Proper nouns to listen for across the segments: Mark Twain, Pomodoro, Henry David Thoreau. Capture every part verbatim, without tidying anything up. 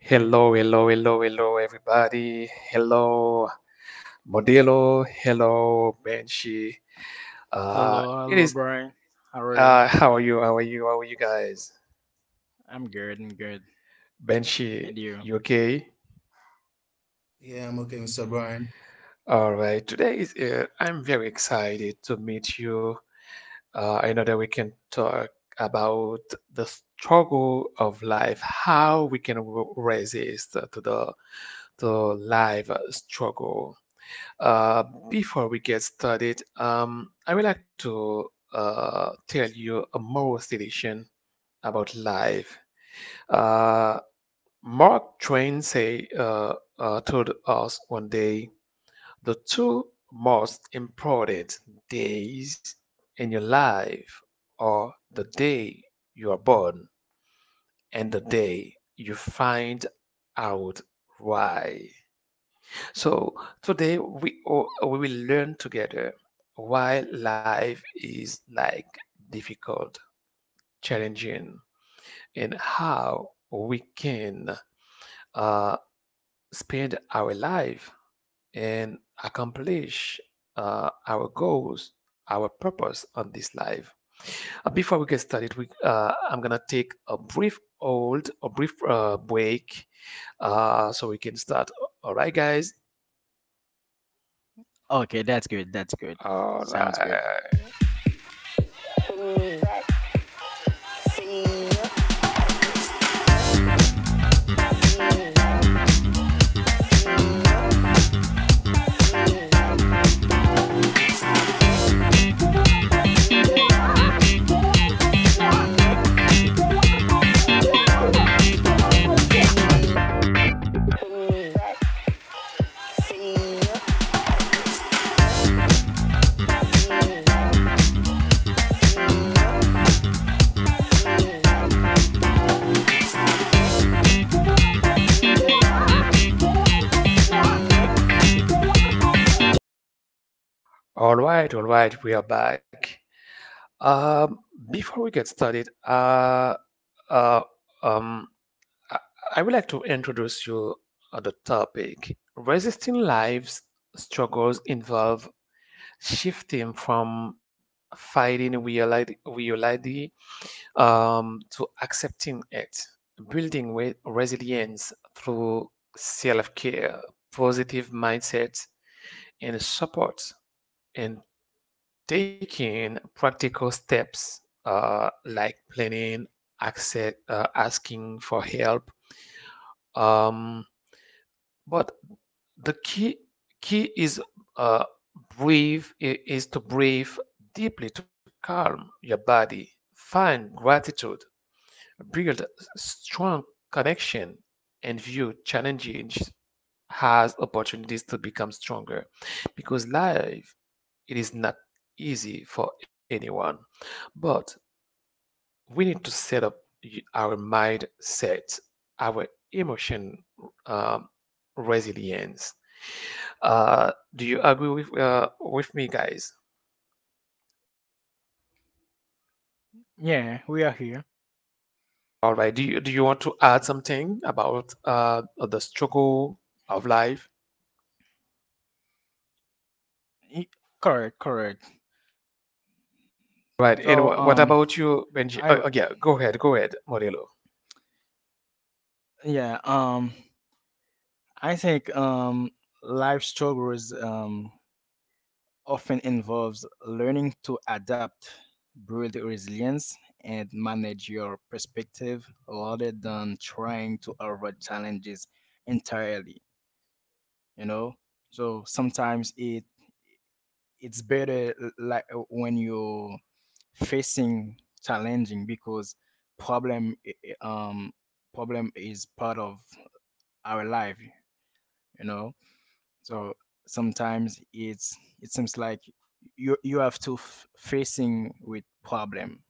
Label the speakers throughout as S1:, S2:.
S1: Hello, hello, hello, hello, everybody. Hello, Modelo. Hello, Benshi. Uh,
S2: Hello,
S1: it
S2: hello,
S1: is.
S2: Brian. How are you?
S1: Uh, how are you? How are you? How are you guys?
S2: I'm good, I'm good.
S1: Benshi,
S2: And
S1: you
S2: you?
S1: okay?
S3: Yeah, I'm okay, mister Brian.
S1: All right. Today is. Uh, I'm very excited to meet you. Uh, I know that we can talk about the struggle of life, how we can resist to the to life struggle. Uh, before we get started, um, I would like to uh, tell you a moral situation about life. Uh, Mark Twain say uh, uh, told us one day, the two most important days in your life are the day you are born and the day you find out why. So today we o- we will learn together why life is like difficult, challenging, and how we can uh, spend our life and accomplish uh, our goals, our purpose on this life. Uh, before we get started, we, uh, I'm gonna take a brief hold, a brief uh, break, uh, so we can start. All right, guys.
S2: Okay, that's good, that's good.
S1: All
S2: Sounds good.
S1: right. All right, all right, we are back. Um, before we get started, uh, uh, um, I, I would like to introduce you uh, the topic. Resisting life's struggles involve shifting from fighting reality, reality um, to accepting it, building re- resilience through self-care, positive mindset, and support, and taking practical steps uh, like planning, accept, uh, asking for help. Um, but the key key is uh, breathe i- is to breathe deeply to calm your body. Find gratitude, build strong connection, and view challenges as opportunities to become stronger. Because life it is not easy for anyone, but we need to set up our mindset, our emotion, um, resilience. Uh, do you agree with uh, with me, guys?
S2: Yeah, we are here.
S1: All right. Do you do you want to add something about uh, the struggle of life?
S2: Y- Correct, correct.
S1: Right. And
S2: So,
S1: wha what
S2: um,
S1: about you,
S2: I,
S1: Benji?
S2: w-
S1: Oh, oh, yeah, go ahead. Go ahead, Modelo.
S2: yeah, um, I think, um, life struggles, um, often involves learning to adapt, build resilience, and manage your perspective rather than trying to avoid challenges entirely, you know? So sometimes it it's better uh, like uh, when you're facing challenging because problem i- i- um problem is part of our life, you know. So sometimes it's, it seems like you you have to f- facing with problem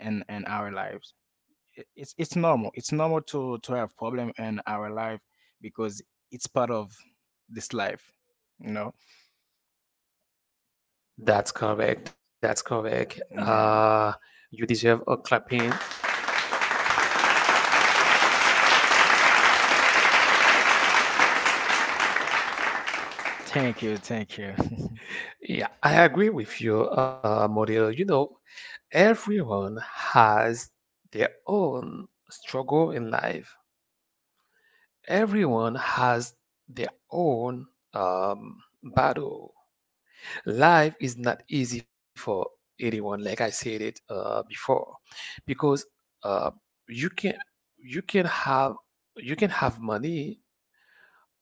S2: in in our lives. I- it's it's normal, it's normal to to have problem in our life because it's part of this life, you know.
S1: That's correct. That's correct. Uh,
S2: Yeah,
S1: you deserve a clapping.
S2: thank you thank you
S1: Yeah, I agree with you, uh, Modelo. You know, everyone has their own struggle in life. Everyone has their own, um, battle. Life is not easy for anyone, like I said it uh, before, because uh, you can you can have you can have money,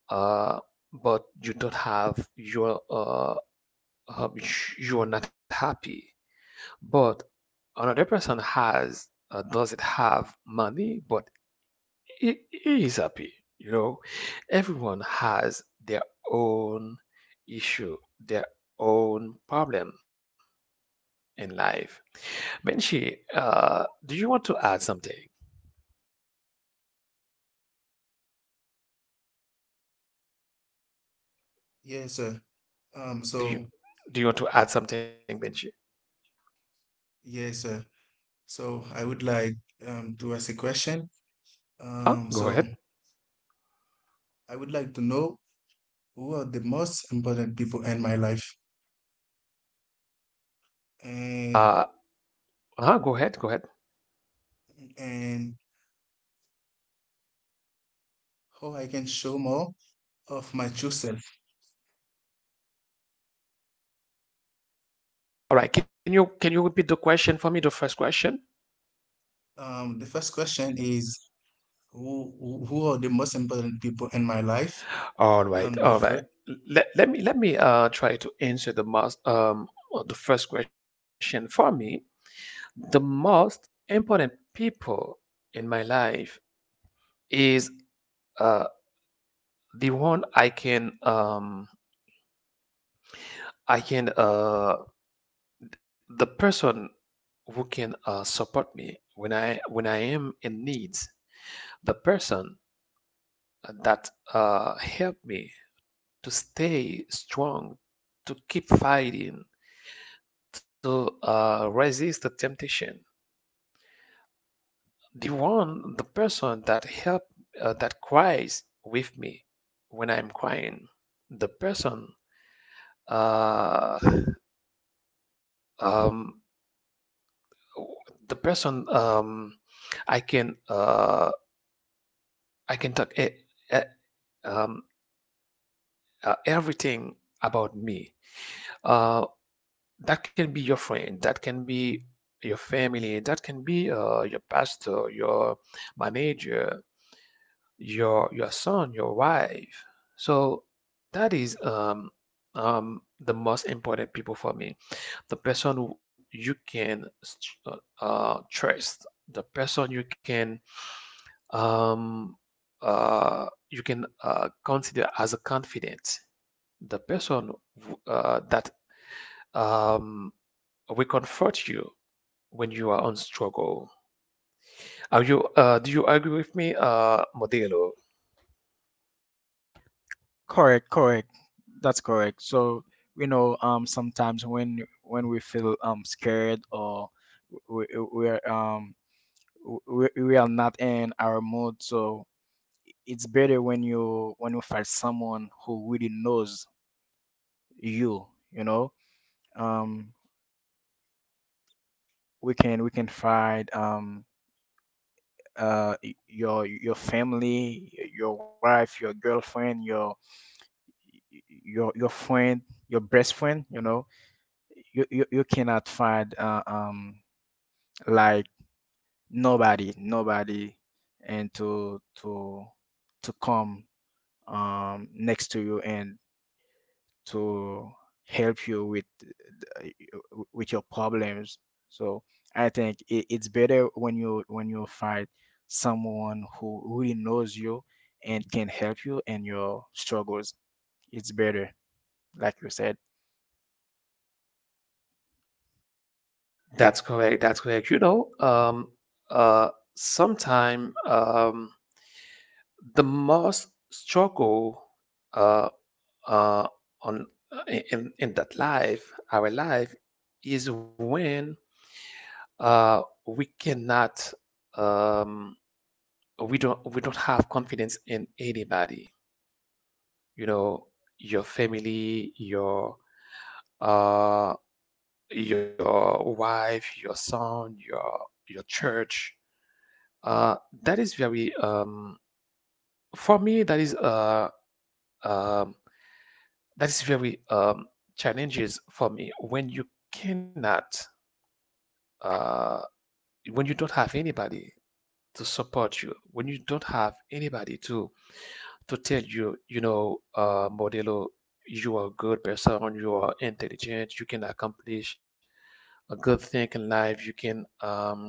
S1: uh, but you don't have your, uh, uh, you are not happy. But another person has, uh, doesn't have money, but he, he is happy. You know, everyone has their own issue, their own problem in life. Benji, uh, do you want to add something?
S3: Yes, sir. Um,
S1: Do you
S3: so
S1: do you want to add something, Benji?
S3: yes, sir. So I would like um to ask a question.
S1: Huh?
S3: Um,
S1: Go
S3: so
S1: ahead.
S3: I would like to know who are the most important people in my life and
S1: Uh-huh, go ahead. Go ahead.
S3: and how I can show more of my true self.
S1: All right. Can you can you repeat the question for me? The first question.
S3: Um, the first question is who who who are the most important people in my life?
S1: All right.
S3: Um, the
S1: All right.
S3: first,
S1: Let, let me let me uh, try to answer the most um, the first question for me. The most important people in my life is uh, the one I can um, I can uh, the person who can uh, support me when I when I am in needs. The person that uh, help me to stay strong, to keep fighting, to uh, resist the temptation. the one the person that help uh, that cries with me when I'm crying. The person uh, um, the person um, I can uh, I can talk, e- e- um, uh, everything about me, uh, that can be your friend, that can be your family, that can be uh, your pastor, your manager, your your son, your wife. So that is um um the most important people for me. The person who you can, uh, uh, trust, the person you can, um uh you can uh, consider as a confidant, the person, uh, that um will comfort you when you are on struggle. Are you, uh, do you agree with me, uh, Modelo?
S2: Correct, correct. That's correct. So, you know, um, sometimes when when we feel um scared or we we're um we, we are not in our mood, so it's better when you when you find someone who really knows you, you know. Um, we can we can find um uh y- your your family, y- your wife, your girlfriend, your your your friend, your best friend, you know. You you, you cannot find uh, um like nobody nobody and to to to come um next to you and to help you with th- with your problems. So I think it, it's better when you when you find someone who really knows you and can help you in your struggles. It's better, like you said.
S1: That's correct. That's correct. You know, um, uh, sometime, um, the most struggle, uh, uh, on in in that life, our life, is when, uh, we cannot um, we don't we don't have confidence in anybody, you know, your family, your uh your wife, your son, your your church, uh that is very, um for me that is, uh um that is very, um challenges for me, when you cannot, uh when you don't have anybody to support you, when you don't have anybody to to tell you, you know, uh, Modelo, you are a good person, you are intelligent, you can accomplish a good thing in life, you can, um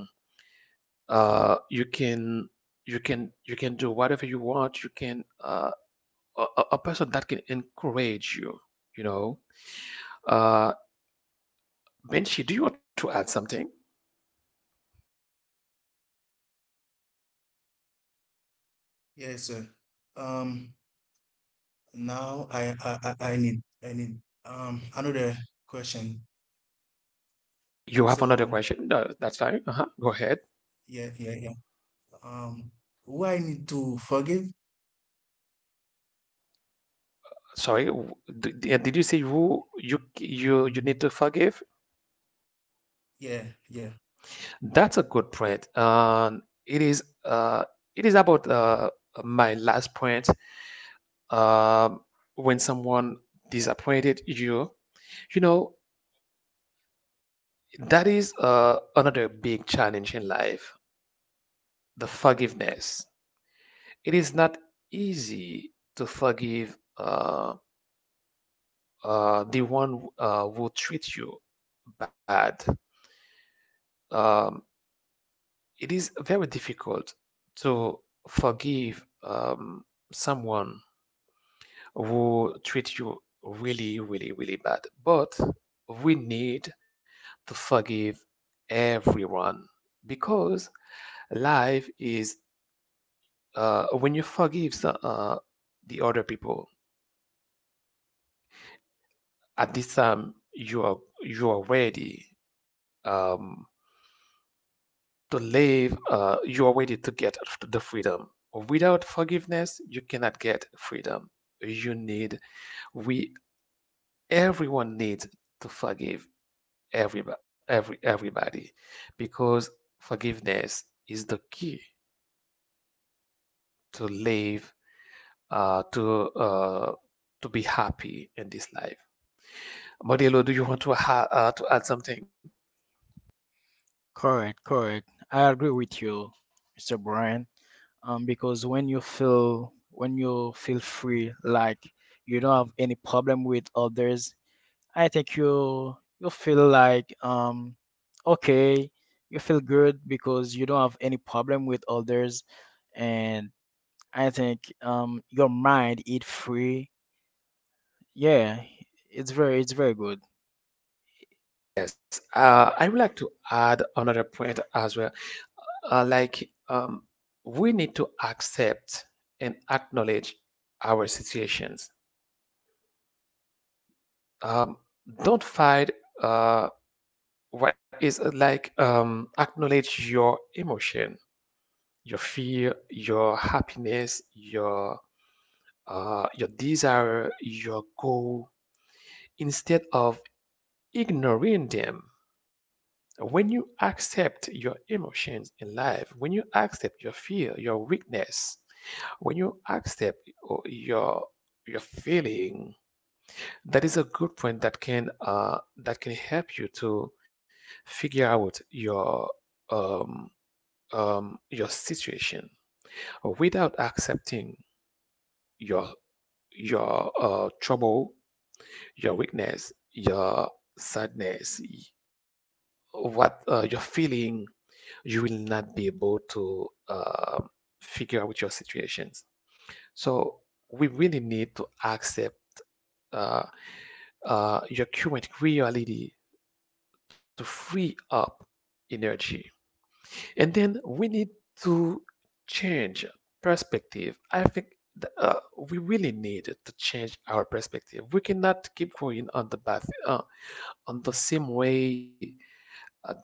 S1: uh you can you can you can do whatever you want, you can, uh a, a a person that can encourage you, you know. Uh Benji, do you want to add something?
S3: yes, sir. Um, now I I I I need I need um another question.
S1: You have
S3: So
S1: another question? Uh, that's fine. Uh-huh. Go ahead.
S3: yeah, yeah, yeah. Um, who I need to forgive?
S1: Sorry, w- d- d- uh, did you say you you you you need to forgive?
S3: Yeah, yeah,
S1: That's a good point. Um, it is uh it is about uh my last point. Um, when someone disappointed you, you know that is uh another big challenge in life. The forgiveness. It is not easy to forgive. Um, uh, the one who, uh, who treats you bad. Um, it is very difficult to forgive, um, someone who treats you really, really, really bad. But we need to forgive everyone, because life is, uh, when you forgive, so- uh, the other people at this time you are you are ready. Um, to live, uh, you already to get the freedom. Without forgiveness, you cannot get freedom. You need, we, everyone needs to forgive every, every, everybody, because forgiveness is the key to live, uh, to, uh, to be happy in this life. Modelo, do you want to, ha- uh, to add something?
S2: Correct, correct. I agree with you, Mr. Brian, um, because when you feel when you feel free, like you don't have any problem with others, I think you you feel like, um, okay, you feel good because you don't have any problem with others, and I think, um, your mind is free. Yeah, it's very it's very good.
S1: Yes, uh, I would like to add another point as well. uh, like um, we need to accept and acknowledge our situations. Um, don't fight, uh, what is, uh, like, um, acknowledge your emotion, your fear, your happiness, your uh, your desire, your goal, instead of ignoring them. When you accept your emotions in life, when you accept your fear, your weakness, when you accept, oh, your your feeling, that is a good point that can uh, that can help you to figure out your um, um, your situation. Without accepting your your uh, trouble, your weakness, your sadness, what uh, you're feeling, you will not be able to uh, figure out your situations. So we really need to accept, uh, uh, your current reality, to free up energy. And then we need to change perspective. I think, uh, we really need to change our perspective. We cannot keep going on the path, uh, on the same way, uh, that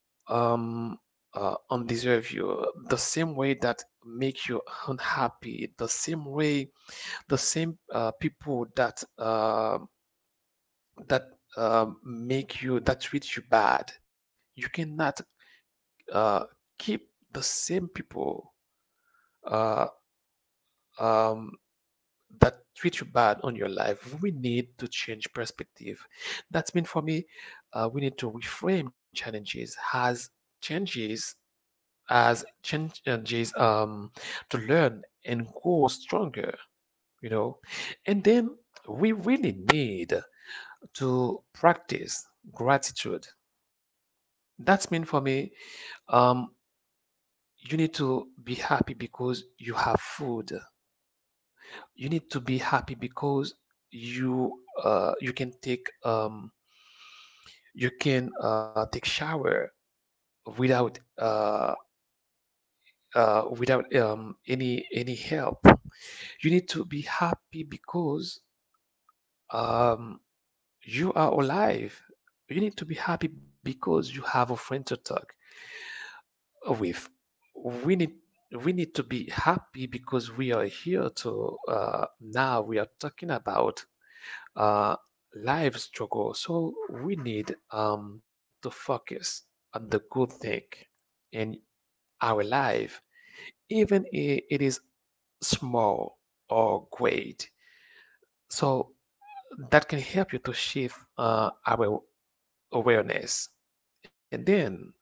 S1: um uh, undeserve you, the same way that make you unhappy, the same way, the same, uh, people that, uh, that uh, make you, that treat you bad, you cannot, uh, keep the same people, uh, um, that treat you bad on your life, we need to change perspective, that means for me, uh, we need to reframe challenges as changes, as changes um, to learn and grow stronger, you know. And then we really need to practice gratitude. That's mean for me, um, you need to be happy because you have food. You need to be happy because, you uh, you can take um, you can uh, take shower without uh, uh, without um, any any help. You need to be happy because, um, you are alive. You need to be happy because you have a friend to talk with. We need we need to be happy because we are here, to uh, now we are talking about, uh, life struggle. So we need, um, to focus on the good thing in our life, even if it is small or great. So that can help you to shift, uh, our awareness. And then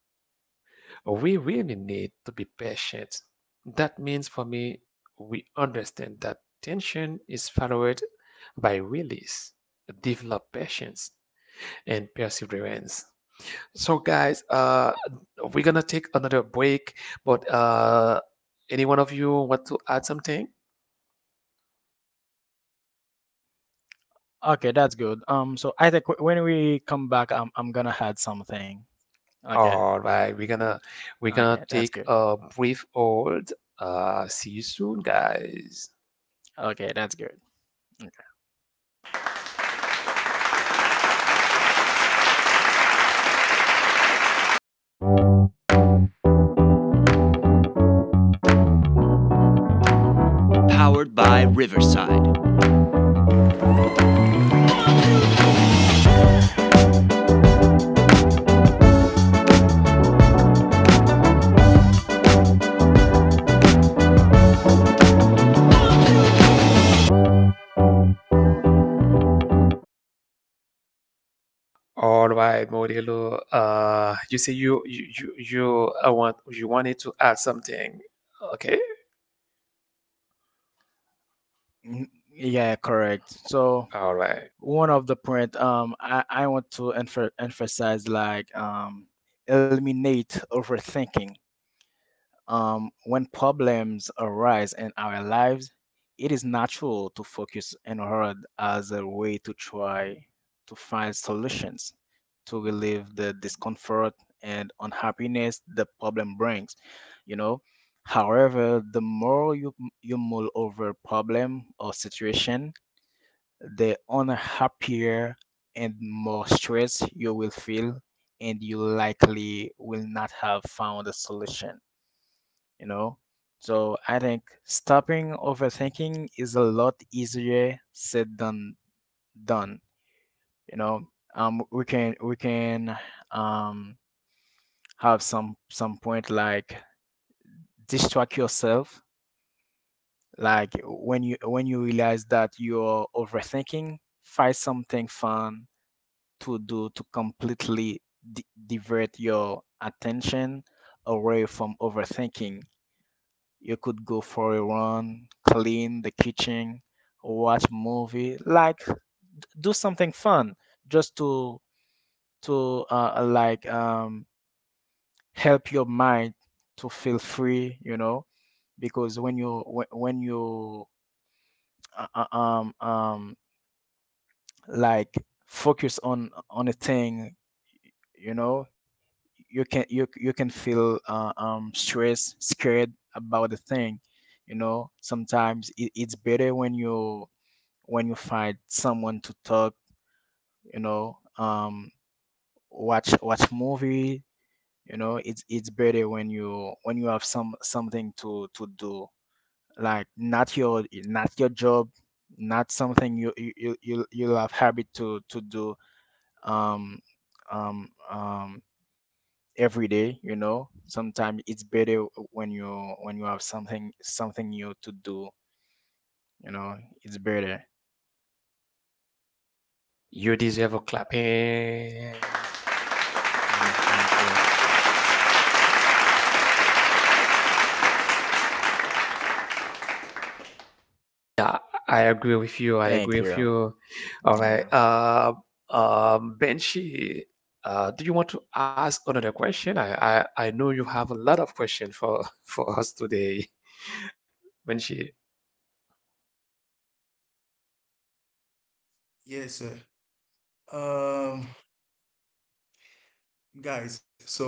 S1: we really need to be patient. That means for me, we understand that tension is followed by release, develop patience, and perseverance. So, guys, uh, we're gonna take another break, but, uh, any one of you want to add something?
S2: Okay, that's good. Um, so I think wh- when we come back, I'm I'm gonna add something. Okay.
S1: All right, we're
S2: Okay.
S1: gonna we're
S2: Okay,
S1: gonna
S2: that's
S1: take
S2: good.
S1: a brief hold. Uh, see you soon, guys.
S2: Okay, that's good.
S1: All right, Modelo. Uh, you say you you you you uh, want you wanted to add something. Okay.
S2: Mm, yeah, correct. So,
S1: All right.
S2: one of the point um I, I want to emph- emphasize like, um eliminate overthinking. Um when problems arise in our lives, it is natural to focus on hard as a way to try to find solutions to relieve the discomfort and unhappiness the problem brings, you know. However, the more you you mull over problem or situation, the unhappier and more stress you will feel, and you likely will not have found a solution, you know? So I think stopping overthinking is a lot easier said than done, you know? Um, we can we can um have some some point like distract yourself, like when you when you realize that you're overthinking, find something fun to do to completely di divert your attention away from overthinking. You could go for a run, clean the kitchen, watch movie, like do something fun just to to uh, like, um, help your mind to feel free, you know, because when you when, when you uh, uh, um um like focus on on a thing, you know, you can you you can feel uh, um stressed, scared about the thing. You know, sometimes it, it's better when you when you find someone to talk. You know, um, watch watch movie. You know, it's it's better when you when you have some something to to do, like not your, not your job, not something you you you you- you'll have habit to to do um um um every day, you know. Sometimes it's better when you, when you have something something new to do, you know. It's better.
S1: You deserve a clapping.
S2: Mhm. thank you
S1: I agree with you. I agree
S2: thank
S1: with
S2: you
S1: you. All right.
S2: Yeah.
S1: Uh, um, Benji, uh, do you want to ask another question? I, I I know you have a lot of questions for for us today, Benji.
S3: yes, sir. Um, guys, so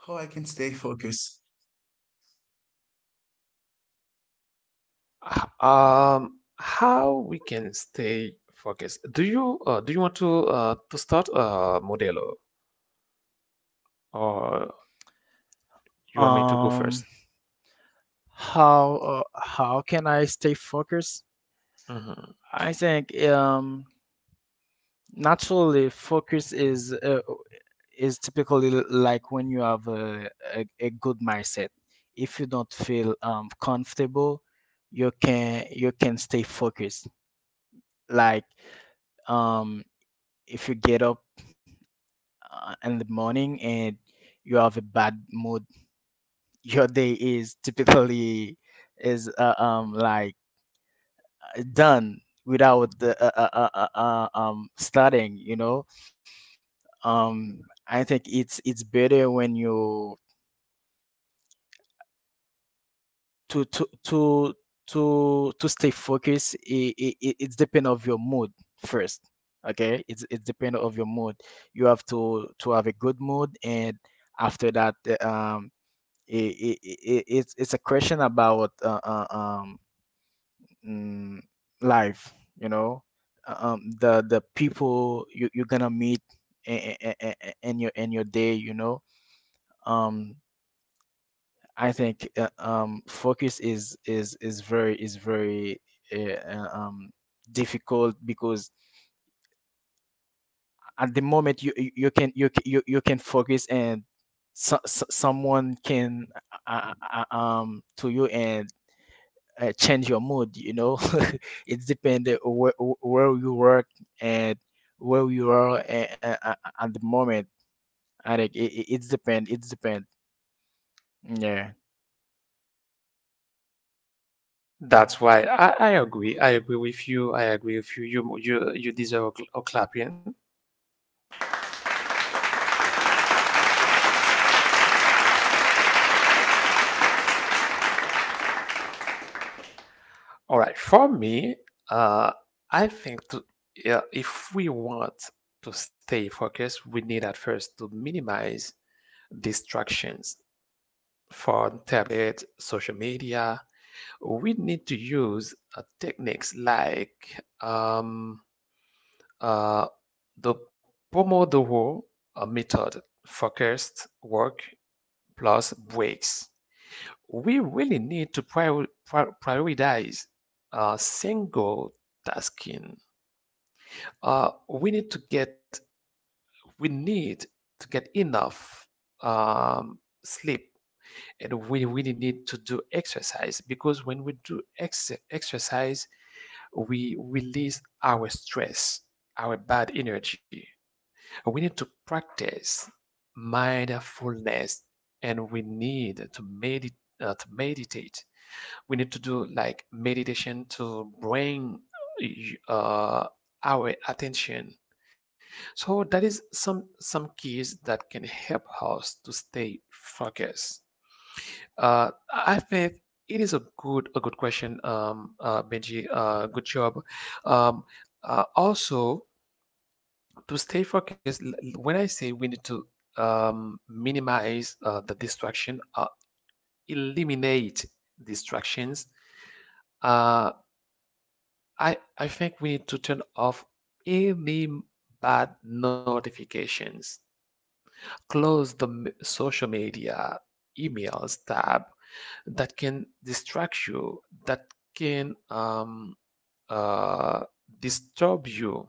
S3: how I can stay focused?
S1: h- um, How we can stay focused? Do you uh, do you want to uh, to start, uh, Modelo, or you want me to go
S2: um
S1: first.
S2: how uh, how can I stay focused?
S1: Hmm
S2: I think, um naturally focus is uh, is typically l- like when you have a, a, a good mindset. If you don't feel um comfortable, you can you can stay focused. Like, um if you get up uh, in the morning and you have a bad mood, your day is typically is uh, um like uh, done without the uh, uh, uh, uh, uh, um starting, you know. um I think it's it's better when you to to to to to stay focused. It, it, it- it's depend of your mood first. Okay, it's it's depend of your mood. You have to to have a good mood, and after that, uh, um it, it, it, it's it's a question about uh, uh, um mm, life, you know. Uh, um the the people you, you're gonna meet in, in, in your, in your day, you know. um I think, uh, um, focus is is is very, is very uh, uh, um, difficult because at the moment you you you can you, c- you, you can focus and, so, so, someone can uh, uh, uh, um to you and uh, change your mood. You know, it depends where where you work and where you are uh, uh, uh, at the moment. I think it it depends. It depends. Yeah.
S1: That's why I, I agree. I agree with you. I agree with you. You you you deserve a, cl- a clapping. All right. For me, uh, I think, to, yeah, if we want to stay focused, we need at first to minimize distractions from tablet, social media, we need to use uh, techniques like, um, uh, the Pomodoro uh, method, focused work plus breaks. We really need to prior- pri- prioritize uh, single tasking. Uh, we need to get we need to get enough um, sleep, and we really need to do exercise because when we do ex- exercise, we release our stress, our bad energy. We need to practice mindfulness and we need to meditate. Uh, to meditate, we need to do like meditation to bring uh, our attention. So that is some some keys that can help us to stay focused. Uh, I think it is a good a good question, um, uh, Benji. Uh, good job. Um, uh, Also, to stay focused, l- l- when I say we need to um, minimize uh, the distraction, uh, eliminate distractions, uh, I I think we need to turn off any bad notifications, close the m- social media emails tab that can distract you, that can um, uh, disturb you.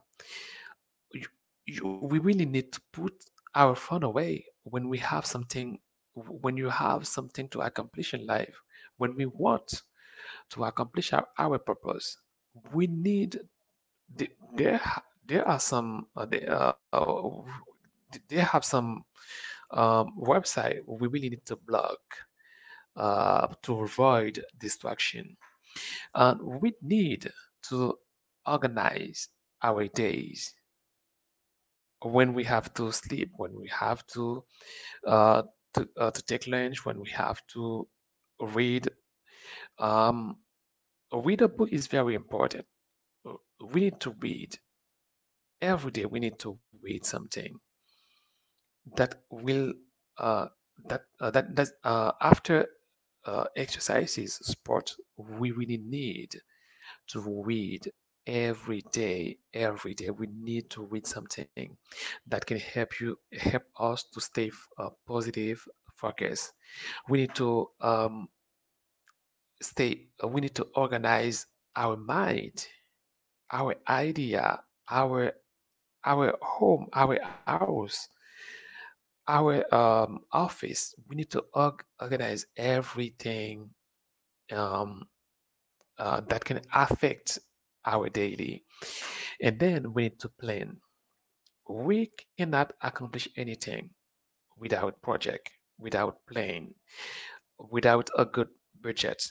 S1: You- you- We really need to put our phone away when we have something, when you have something to accomplish in life, when we want to accomplish our, our purpose. We need, there, there are some, uh, the- uh, they have some um, website we really need to block uh, to avoid distraction. And we need to organize our days when we have to sleep, when we have to uh, to, uh, to take lunch, when we have to read. Um, read a book is very important. Uh, We need to read every day. We need to read something that will uh, that uh, that that uh, after uh, exercises, sport, we really need to read every day every day, we need to read something that can help you help us to stay f- uh, positive, focus. We need to um, stay uh, we need to organize our mind, our idea, our our home our house, our um, office. We need to org- organize everything, um, uh, that can affect our daily. And then we need to plan. We cannot accomplish anything without project, without plan, without a good budget.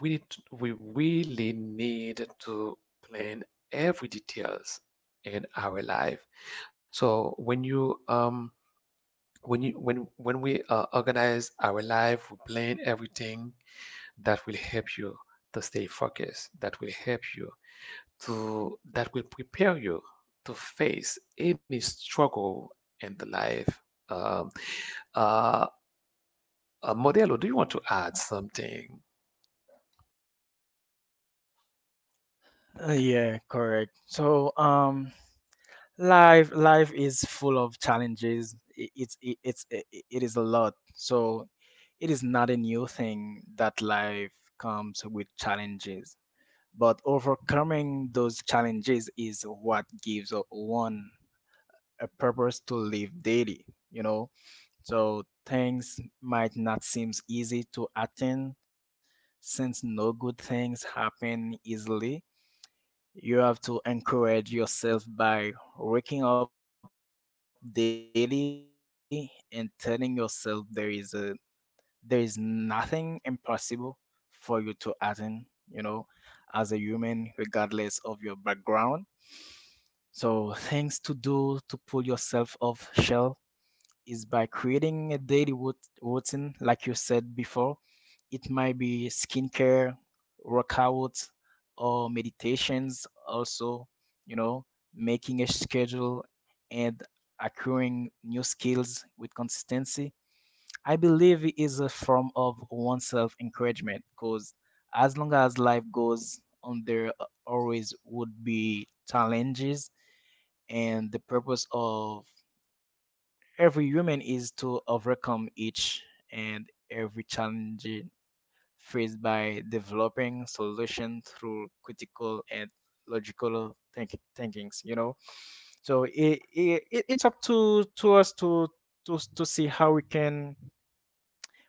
S1: We need, to- we really need to plan every details in our life. So when you um when you when when we uh, organize our life, we plan everything, that will help you to stay focused, that will help you to that will prepare you to face any struggle in the life. Um, uh, uh, Modelo, do you want to add something?
S2: Uh, Yeah, correct. So, um, life life is full of challenges. I- it's it, it's I- I- It is a lot, so it is not a new thing that life comes with challenges, but overcoming those challenges is what gives o- one a purpose to live daily, you know. So things might not seem easy to attain since no good things happen easily. You have to encourage yourself by waking up daily yourself. There is a, there is nothing impossible for you to attain, you know, as a human regardless of your background. So things to do to pull yourself off shell is by creating a daily rut- routine, like you said before. It might be skincare, workouts, or meditations, also, you know, making a schedule and acquiring new skills with consistency. I believe it is a form of oneself encouragement because as long as life goes on, there always would be challenges, and the purpose of every human is to overcome each and every challenge faced by developing solutions through critical and logical think- thinkings. You know, so it, it it- it's up to to us to, to to see how we can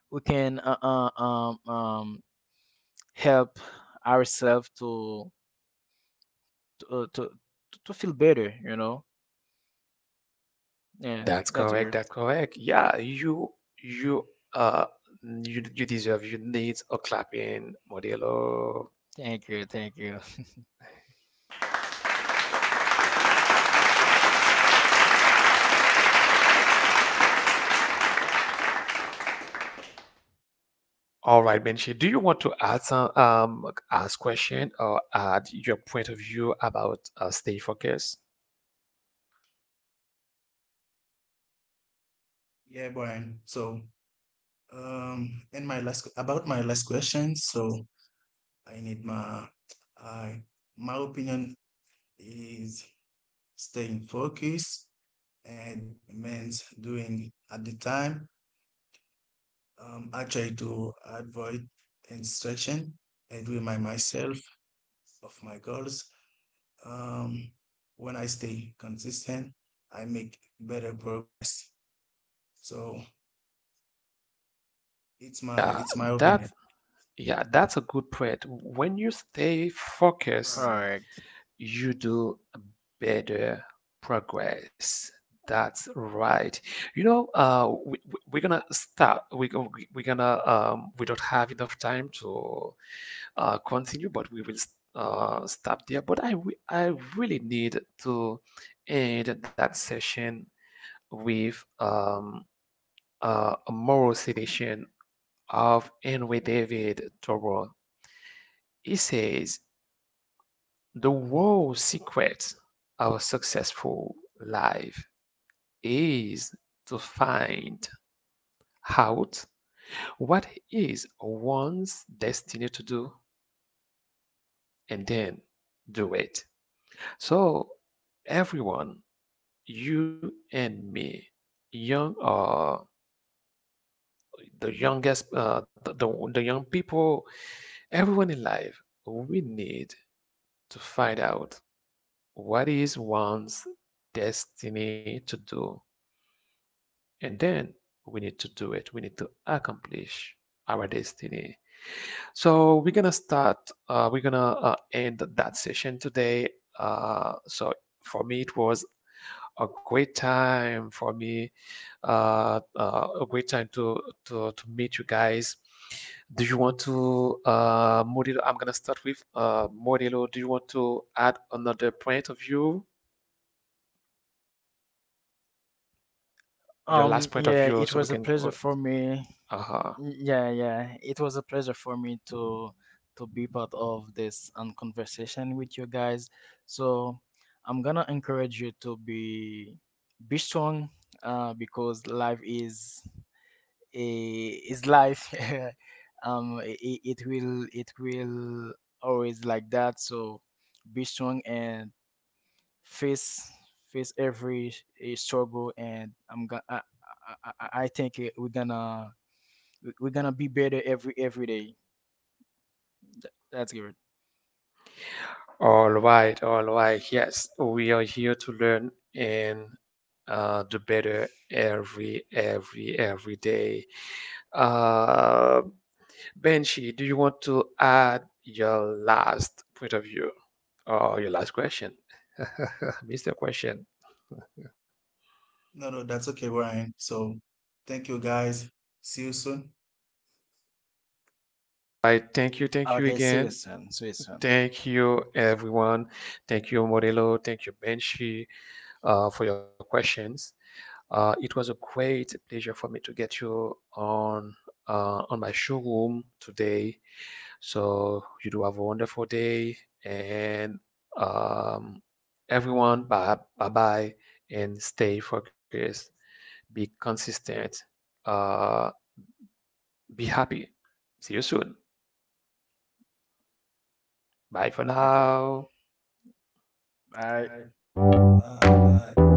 S2: we can uh, uh, um, um, help ourselves to, to, uh, to to feel better. You know, yeah,
S1: That's
S2: that's
S1: correct.
S2: good.
S1: That's correct. Yeah, you you uh you you deserve, you need a clapping, Modelo.
S2: Thank you, thank you.
S1: All right, Benji, do you want to add some um ask question or add your point of view about uh, stay focused?
S3: Yeah, Brian. So, um, and my last about my last question. So I need my, I My opinion is staying focused and means doing at the time. Um, I try to avoid instruction and remind myself of my goals. Um, when I stay consistent, I make better progress. So it's my
S1: Yeah,
S3: it's my opinion.
S1: that yeah, that's a good point. When you stay focused,
S2: Correct.
S3: Correct.
S1: you do better progress. That's right. You know, uh, we, we- we're gonna start. We, go- we we're gonna um, we don't have enough time to uh, continue, but we will uh, stop there. But I re- I really need to end that session with um, uh, a moral citation of Henry David Thoreau. He says. The whole secret of a successful life is to find out what is one's destiny to do and then do it. So, everyone, you and me, young or the youngest, uh, the, the, the young people, everyone in life, we need to find out what is one's destiny to do. And then we need to do it. We need to accomplish our destiny. So we're gonna start. Uh, we're gonna uh, end that session today. Uh, so for me, it was a great time for me. Uh, uh, a great time to to to meet you guys. Do you want to, uh, Murilo? I'm gonna start with uh, Murilo. Do you want to add another point of view, your last
S2: Um,
S1: point of
S2: yeah,
S1: view, so
S2: it
S1: we
S2: was a
S1: can?
S2: pleasure for me.
S1: Uh, huh.
S2: Yeah, yeah, it was a pleasure for me to to be part of this, um, conversation with you guys. So I'm gonna encourage you to be be strong, uh, because life is a is life. um, it, it will it will always like that. So be strong and face face every, eh, struggle, and I'm gonna I, I, I I think, eh, we're gonna, we- we're are going to be better every every day. That's good.
S1: All right, all right. Yes, we are here to learn and uh, do better every, every, every day. Uh, Benji, do you want to add your last point of view or your last question? mister Question.
S3: No, no, that's okay, Ryan. So thank you, guys. See you soon.
S1: I Thank you, thank you
S2: Okay, see you
S1: again.
S2: soon. See you soon.
S1: Thank you, everyone. Thank you, Modelo. Thank you, Benji, uh, for your questions. Uh, it was a great pleasure for me to get you on uh, on my showroom today. So you do have a wonderful day, and um, everyone, bye bye bye, and stay focused. Be consistent. Uh, be happy. See you soon. Bye for
S2: Okay,
S1: now.
S2: bye.
S3: Bye. Bye. Bye.